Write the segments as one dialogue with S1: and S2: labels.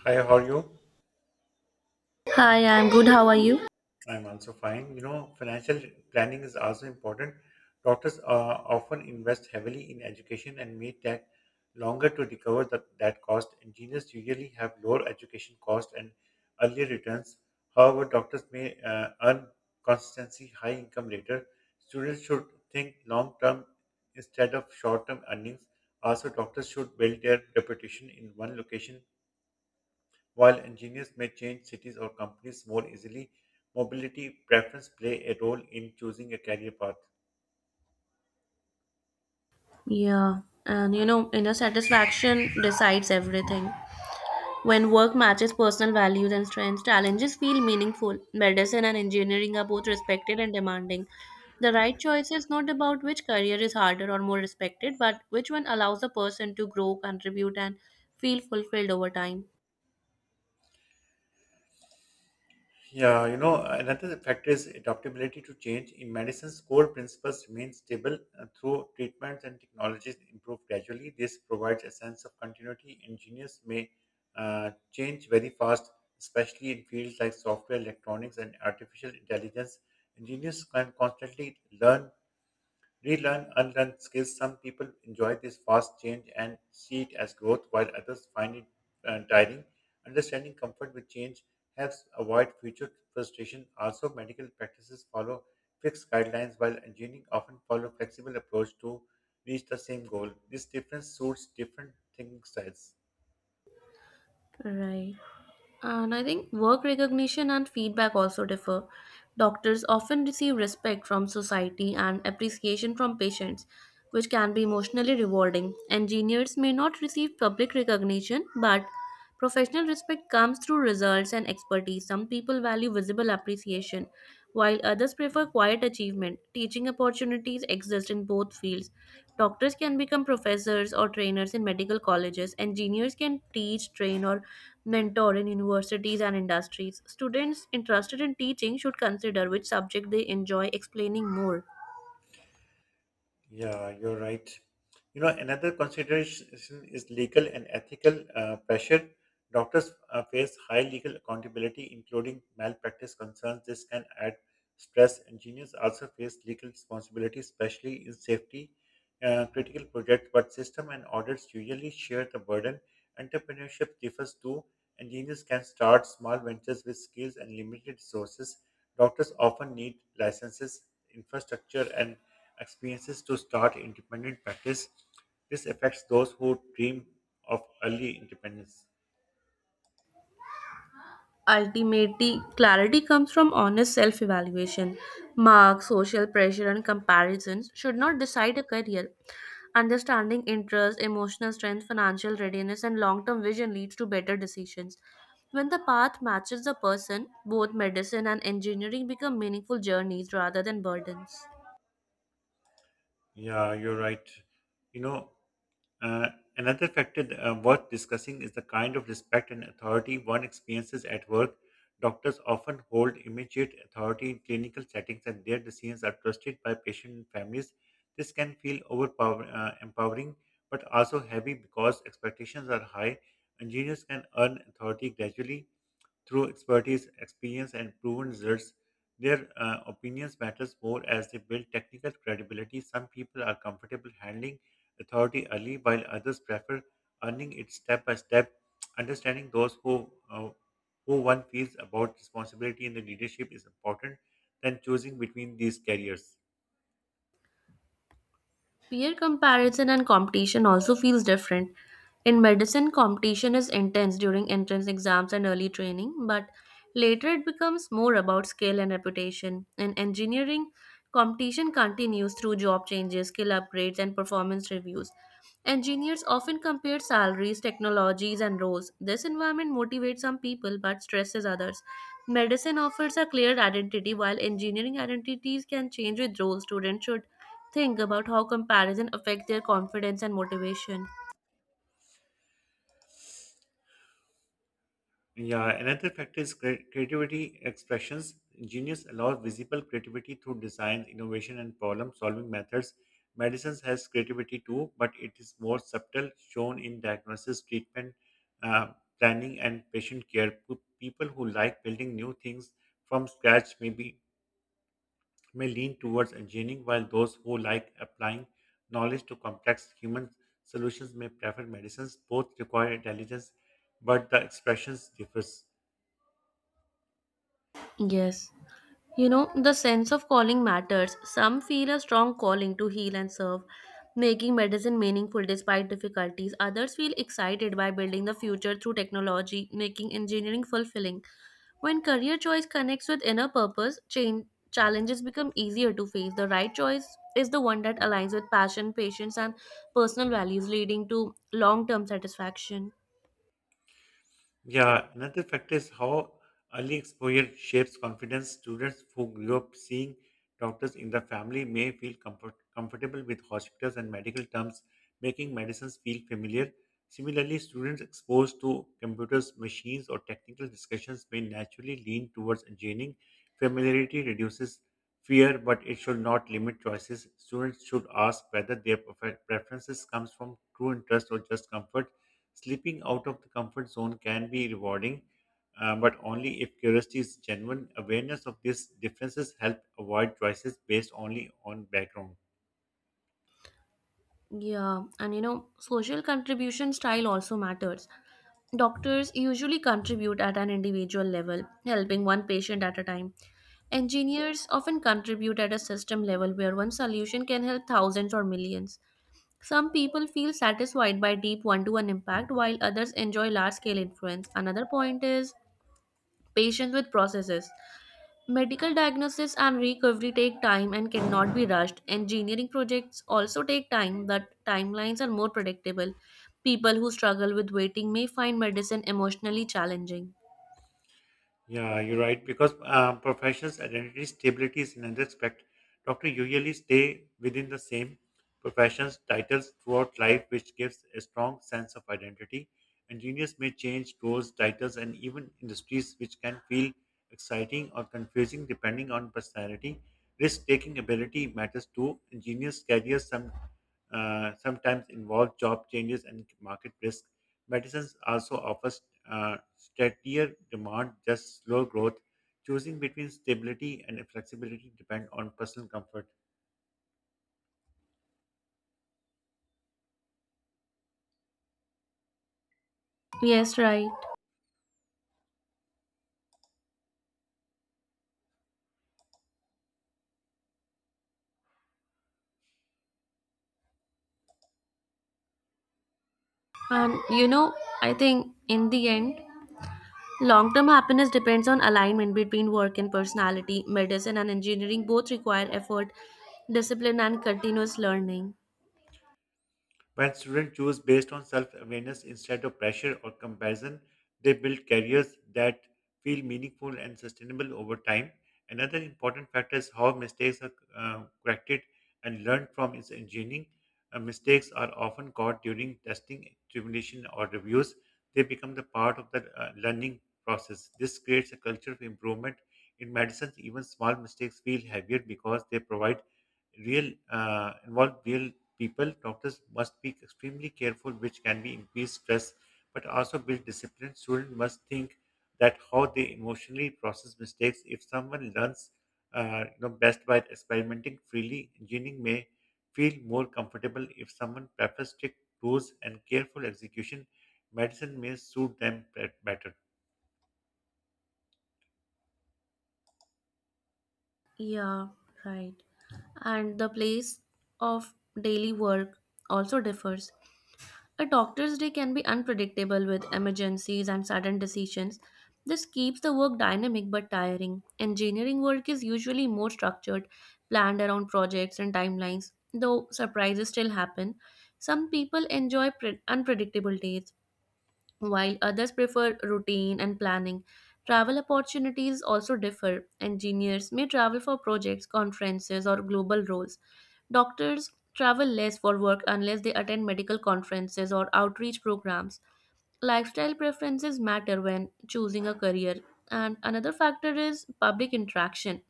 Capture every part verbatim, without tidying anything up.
S1: Hi, how are you?
S2: Hi, I'm good. How are you?
S1: I'm also fine. You know, financial planning is also important. Doctors uh, often invest heavily in education and may take longer to recover that, that cost. Engineers usually have lower education cost and earlier returns. However, doctors may uh, earn consistency high income later. Students should think long term instead of short term earnings. Also, doctors should build their reputation in one location. While engineers may change cities or companies more easily, mobility preference play a role in choosing a career path.
S2: Yeah, and you know, inner satisfaction decides everything. When work matches personal values and strengths, challenges feel meaningful. Medicine and engineering are both respected and demanding. The right choice is not about which career is harder or more respected, but which one allows a person to grow, contribute, and feel fulfilled over time.
S1: Yeah, you know, another factor is adaptability to change. In medicine's core principles remain stable uh, through treatments and technologies improve gradually. This provides a sense of continuity. Engineers may uh, change very fast, especially in fields like software, electronics, and artificial intelligence. Engineers can constantly learn, Relearn, unlearn skills. Some people enjoy this fast change and see it as growth, while others find it uh, tiring. Understanding comfort with change helps avoid future frustration. Also, medical practices follow fixed guidelines, while engineering often follow flexible approach to reach the same goal. This difference suits different thinking styles.
S2: Right. And I think work recognition and feedback also differ. Doctors often receive respect from society and appreciation from patients, which can be emotionally rewarding. Engineers may not receive public recognition, but professional respect comes through results and expertise. Some people value visible appreciation, while others prefer quiet achievement. Teaching opportunities exist in both fields. Doctors can become professors or trainers in medical colleges. Engineers can teach, train, or mentor in universities and industries. Students interested in teaching should consider which subject they enjoy explaining more.
S1: Yeah, you're right. You know, another consideration is legal and ethical uh, pressure. Doctors uh, face high legal accountability, including malpractice concerns. This can add stress. Engineers also face legal responsibility, especially in safety uh, critical projects, but system and audits usually share the burden. Entrepreneurship differs too. Engineers can start small ventures with skills and limited resources. Doctors often need licenses, infrastructure, and experiences to start independent practice. This affects those who dream of early independence.
S2: Ultimately, clarity comes from honest self evaluation. Marks, social pressure, and comparisons should not decide a career. Understanding interest, emotional strength, financial readiness, and long term vision leads to better decisions. When the path matches the person, both medicine and engineering become meaningful journeys rather than burdens.
S1: Yeah, you're right. You know, Uh, Another factor uh, worth discussing is the kind of respect and authority one experiences at work. Doctors often hold immediate authority in clinical settings, and their decisions are trusted by patient and families. This can feel overpower- uh, empowering, but also heavy because expectations are high. Engineers can earn authority gradually, through expertise, experience, and proven results. Their uh, opinions matters more as they build technical credibility. Some people are comfortable handling authority early, while others prefer earning it step by step. Understanding those who uh, who one feels about responsibility in the leadership is important than choosing between these careers.
S2: Peer comparison and competition also feels different. In medicine, competition is intense during entrance exams and early training, but later it becomes more about skill and reputation. In engineering, competition continues through job changes, skill upgrades, and performance reviews. Engineers often compare salaries, technologies, and roles. This environment motivates some people but stresses others. Medicine offers a clear identity, while engineering identities can change with roles. Students should think about how comparison affects their confidence and motivation.
S1: Yeah, another factor is cre- creativity expressions. Genius allows visible creativity through design, innovation, and problem-solving methods. Medicines has creativity too, but it is more subtle, shown in diagnosis, treatment, uh, planning, and patient care. Pe- People who like building new things from scratch may be may lean towards engineering, while those who like applying knowledge to complex human solutions may prefer medicines. Both require intelligence, but the expressions differs.
S2: Yes. You know, the sense of calling matters. Some feel a strong calling to heal and serve, making medicine meaningful despite difficulties. Others feel excited by building the future through technology, making engineering fulfilling. When career choice connects with inner purpose, change, challenges become easier to face. The right choice is the one that aligns with passion, patience, and personal values, leading to long term satisfaction.
S1: Yeah, another factor is how early exposure shapes confidence. Students who grew up seeing doctors in the family may feel comfort- comfortable with hospitals and medical terms, making medicines feel familiar. Similarly, students exposed to computers, machines, or technical discussions may naturally lean towards engineering. Familiarity reduces fear, but it should not limit choices. Students should ask whether their prefer- preferences comes from true interest or just comfort. Slipping out of the comfort zone can be rewarding, uh, but only if curiosity is genuine. Awareness of these differences help avoid choices based only on background.
S2: Yeah, and you know, social contribution style also matters. Doctors usually contribute at an individual level, helping one patient at a time. Engineers often contribute at a system level where one solution can help thousands or millions. Some people feel satisfied by deep one to one impact while others enjoy large scale influence. Another point is patience with processes. Medical diagnosis and recovery take time and cannot be rushed. Engineering projects also take time, but timelines are more predictable. People who struggle with waiting may find medicine emotionally challenging.
S1: Yeah, you're right. Because um, professionals' identity stability is another aspect. Doctors usually stay within the same profession's titles throughout life, which gives a strong sense of identity. Engineers may change roles, titles, and even industries, which can feel exciting or confusing depending on personality. Risk-taking ability matters too. Engineers' careers some uh, sometimes involve job changes and market risk. Medicines also offers uh, steadier demand, just slow growth. Choosing between stability and flexibility depend on personal comfort.
S2: Yes, right. And you know, I think in the end, long term happiness depends on alignment between work and personality. Medicine and engineering both require effort, discipline, and continuous learning.
S1: When students choose based on self awareness instead of pressure or comparison, they build careers that feel meaningful and sustainable over time. Another important factor is how mistakes are uh, corrected and learned from is engineering. Uh, mistakes are often caught during testing, examination, or reviews. They become the part of the uh, learning process. This creates a culture of improvement. In medicine, even small mistakes feel heavier because they provide real uh, involve real people. Doctors must be extremely careful, which can be increased stress, but also build discipline. Students must think that how they emotionally process mistakes. If someone learns, uh, you know, best by experimenting freely, engineering may feel more comfortable. If someone prefers strict rules and careful execution, medicine may suit them bet- better.
S2: Yeah, right. And the place of daily work also differs. A doctor's day can be unpredictable with emergencies and sudden decisions. This keeps the work dynamic but tiring. Engineering work is usually more structured, planned around projects and timelines, though surprises still happen. Some people enjoy pre- unpredictable days, while others prefer routine and planning. Travel opportunities also differ. Engineers may travel for projects, conferences, or global roles. Doctors travel less for work unless they attend medical conferences or outreach programs. Lifestyle preferences matter when choosing a career. And another factor is public interaction.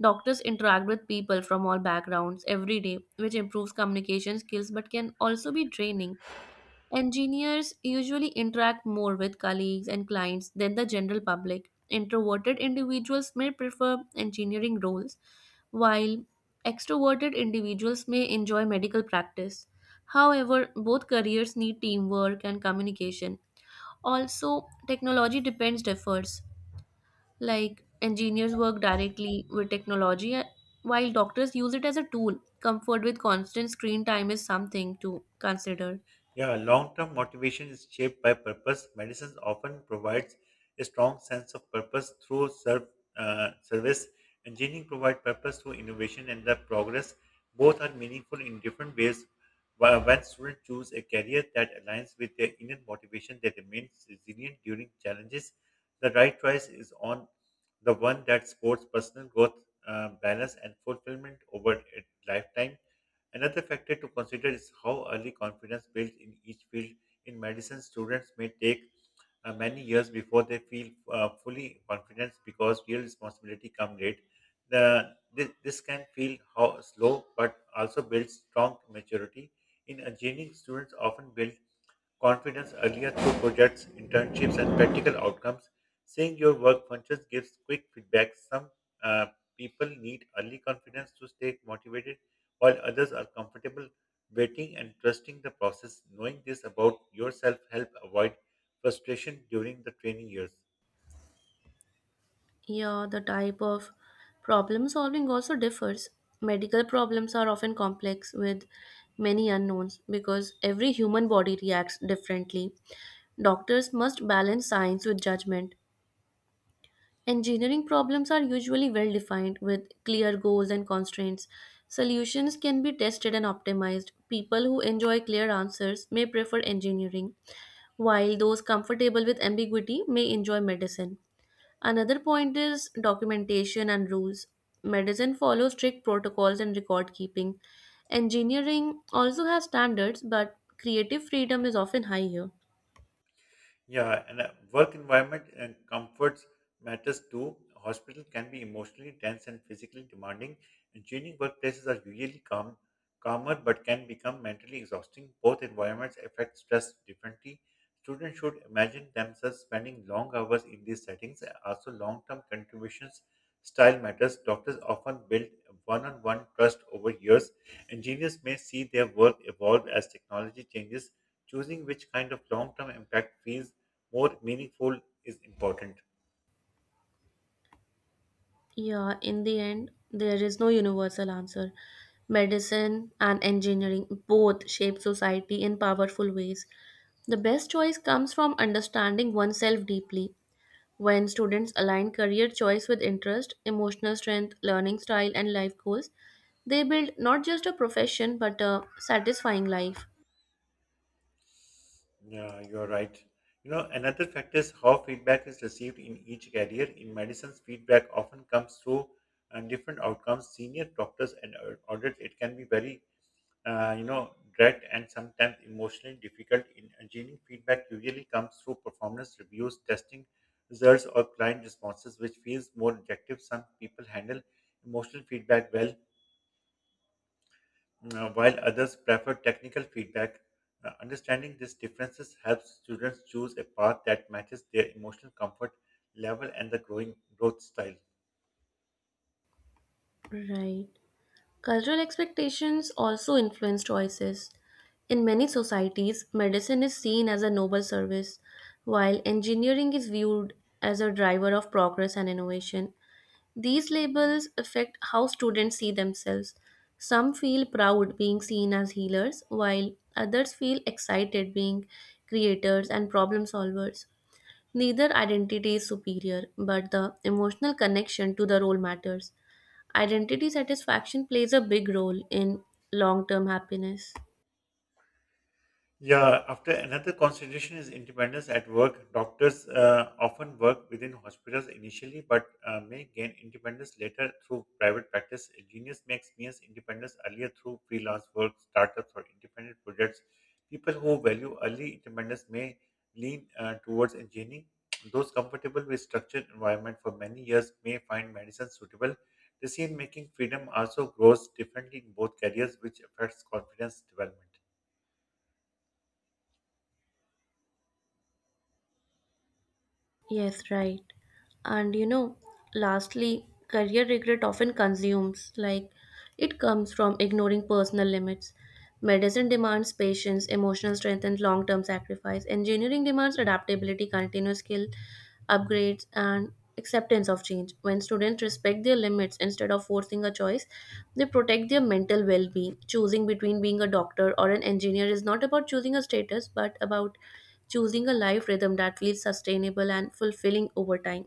S2: Doctors interact with people from all backgrounds every day, which improves communication skills but can also be draining. Engineers usually interact more with colleagues and clients than the general public. Introverted individuals may prefer engineering roles, while extroverted individuals may enjoy medical practice. However, both careers need teamwork and communication. Also, technology depends differs. Like, engineers work directly with technology, uh, while doctors use it as a tool. Comfort with constant screen time is something to consider.
S1: Yeah, long term motivation is shaped by purpose. Medicine often provides a strong sense of purpose through serv- uh, service. Engineering provides purpose through innovation and the progress. Both are meaningful in different ways. Wh- When students choose a career that aligns with their inner motivation, they remain resilient during challenges. The right choice is on the one that supports personal growth, uh, balance, and fulfillment over a lifetime. Another factor to consider is how early confidence builds in each field. In medicine, students may take uh, many years before they feel uh, fully confident because real responsibility comes late. The, this, this can feel how slow, but also builds strong maturity. In engineering, students often build confidence earlier through projects, internships, and practical outcomes. Seeing your work functions gives quick feedback. Some uh, people need early confidence to stay motivated, while others are comfortable waiting and trusting the process. Knowing this about yourself help avoid frustration during the training years.
S2: Yeah, the type of problem solving also differs. Medical problems are often complex with many unknowns because every human body reacts differently. Doctors must balance science with judgment. Engineering problems are usually well defined with clear goals and constraints. Solutions can be tested and optimized. People who enjoy clear answers may prefer engineering, while those comfortable with ambiguity may enjoy medicine. Another point is documentation and rules. Medicine follows strict protocols and record keeping. Engineering also has standards, but creative freedom is often higher.
S1: Yeah, and uh, work environment and comforts matters too. Hospital can be emotionally tense and physically demanding. And changing workplaces are usually calm, calmer, but can become mentally exhausting. Both environments affect stress differently. Students should imagine themselves spending long hours in these settings. Also, long-term contributions style matters. Doctors often build one-on-one trust over years. Engineers may see their work evolve as technology changes. Choosing which kind of long term impact feels more meaningful is important.
S2: Yeah, in the end, there is no universal answer. Medicine and engineering both shape society in powerful ways. The best choice comes from understanding oneself deeply. When students align career choice with interest, emotional strength, learning style, and life goals, they build not just a profession but a satisfying life.
S1: Yeah, you're right. You know, another factor is how feedback is received in each career. In medicines, feedback often comes through uh, different outcomes. Senior doctors and au- audits, it can be very, uh, you know, direct and sometimes emotionally difficult. In engineering, feedback usually comes through performance reviews, testing results, or client responses, which feels more objective. Some people handle emotional feedback well, Now, while others prefer technical feedback, uh, understanding these differences helps students choose a path that matches their emotional comfort level and the growing growth style.
S2: Right. Cultural expectations also influence choices. In many societies, medicine is seen as a noble service, while engineering is viewed as a driver of progress and innovation. These labels affect how students see themselves. Some feel proud being seen as healers, while others feel excited being creators and problem solvers. Neither identity is superior, but the emotional connection to the role matters. Identity satisfaction plays a big role in long term happiness.
S1: Yeah, after another consideration is independence at work. Doctors uh, often work within hospitals initially, but uh, may gain independence later through private practice. A genius may experience independence earlier through freelance work, startups, or independent projects. People who value early independence may lean uh, towards engineering. Those comfortable with structured environment for many years may find medicine suitable. Decision making freedom also grows differently in both careers, which affects confidence development.
S2: Yes, right. And you know, lastly, career regret often consumes, like, it comes from ignoring personal limits. Medicine demands patience, emotional strength, and long term sacrifice. Engineering demands adaptability, continuous skill upgrades, and acceptance of change. When students respect their limits instead of forcing a choice, they protect their mental well being. Choosing between being a doctor or an engineer is not about choosing a status, but about choosing a life rhythm that feels sustainable and fulfilling over time.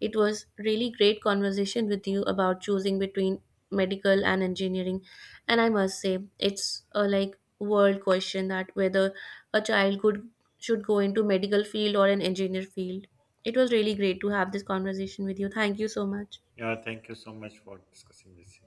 S2: It was really great conversation with you about choosing between medical and engineering, and I must say it's a like world question that whether a child could should go into medical field or an engineer field. It was really great to have this conversation with you. Thank you so much.
S1: Yeah, thank you so much for discussing this.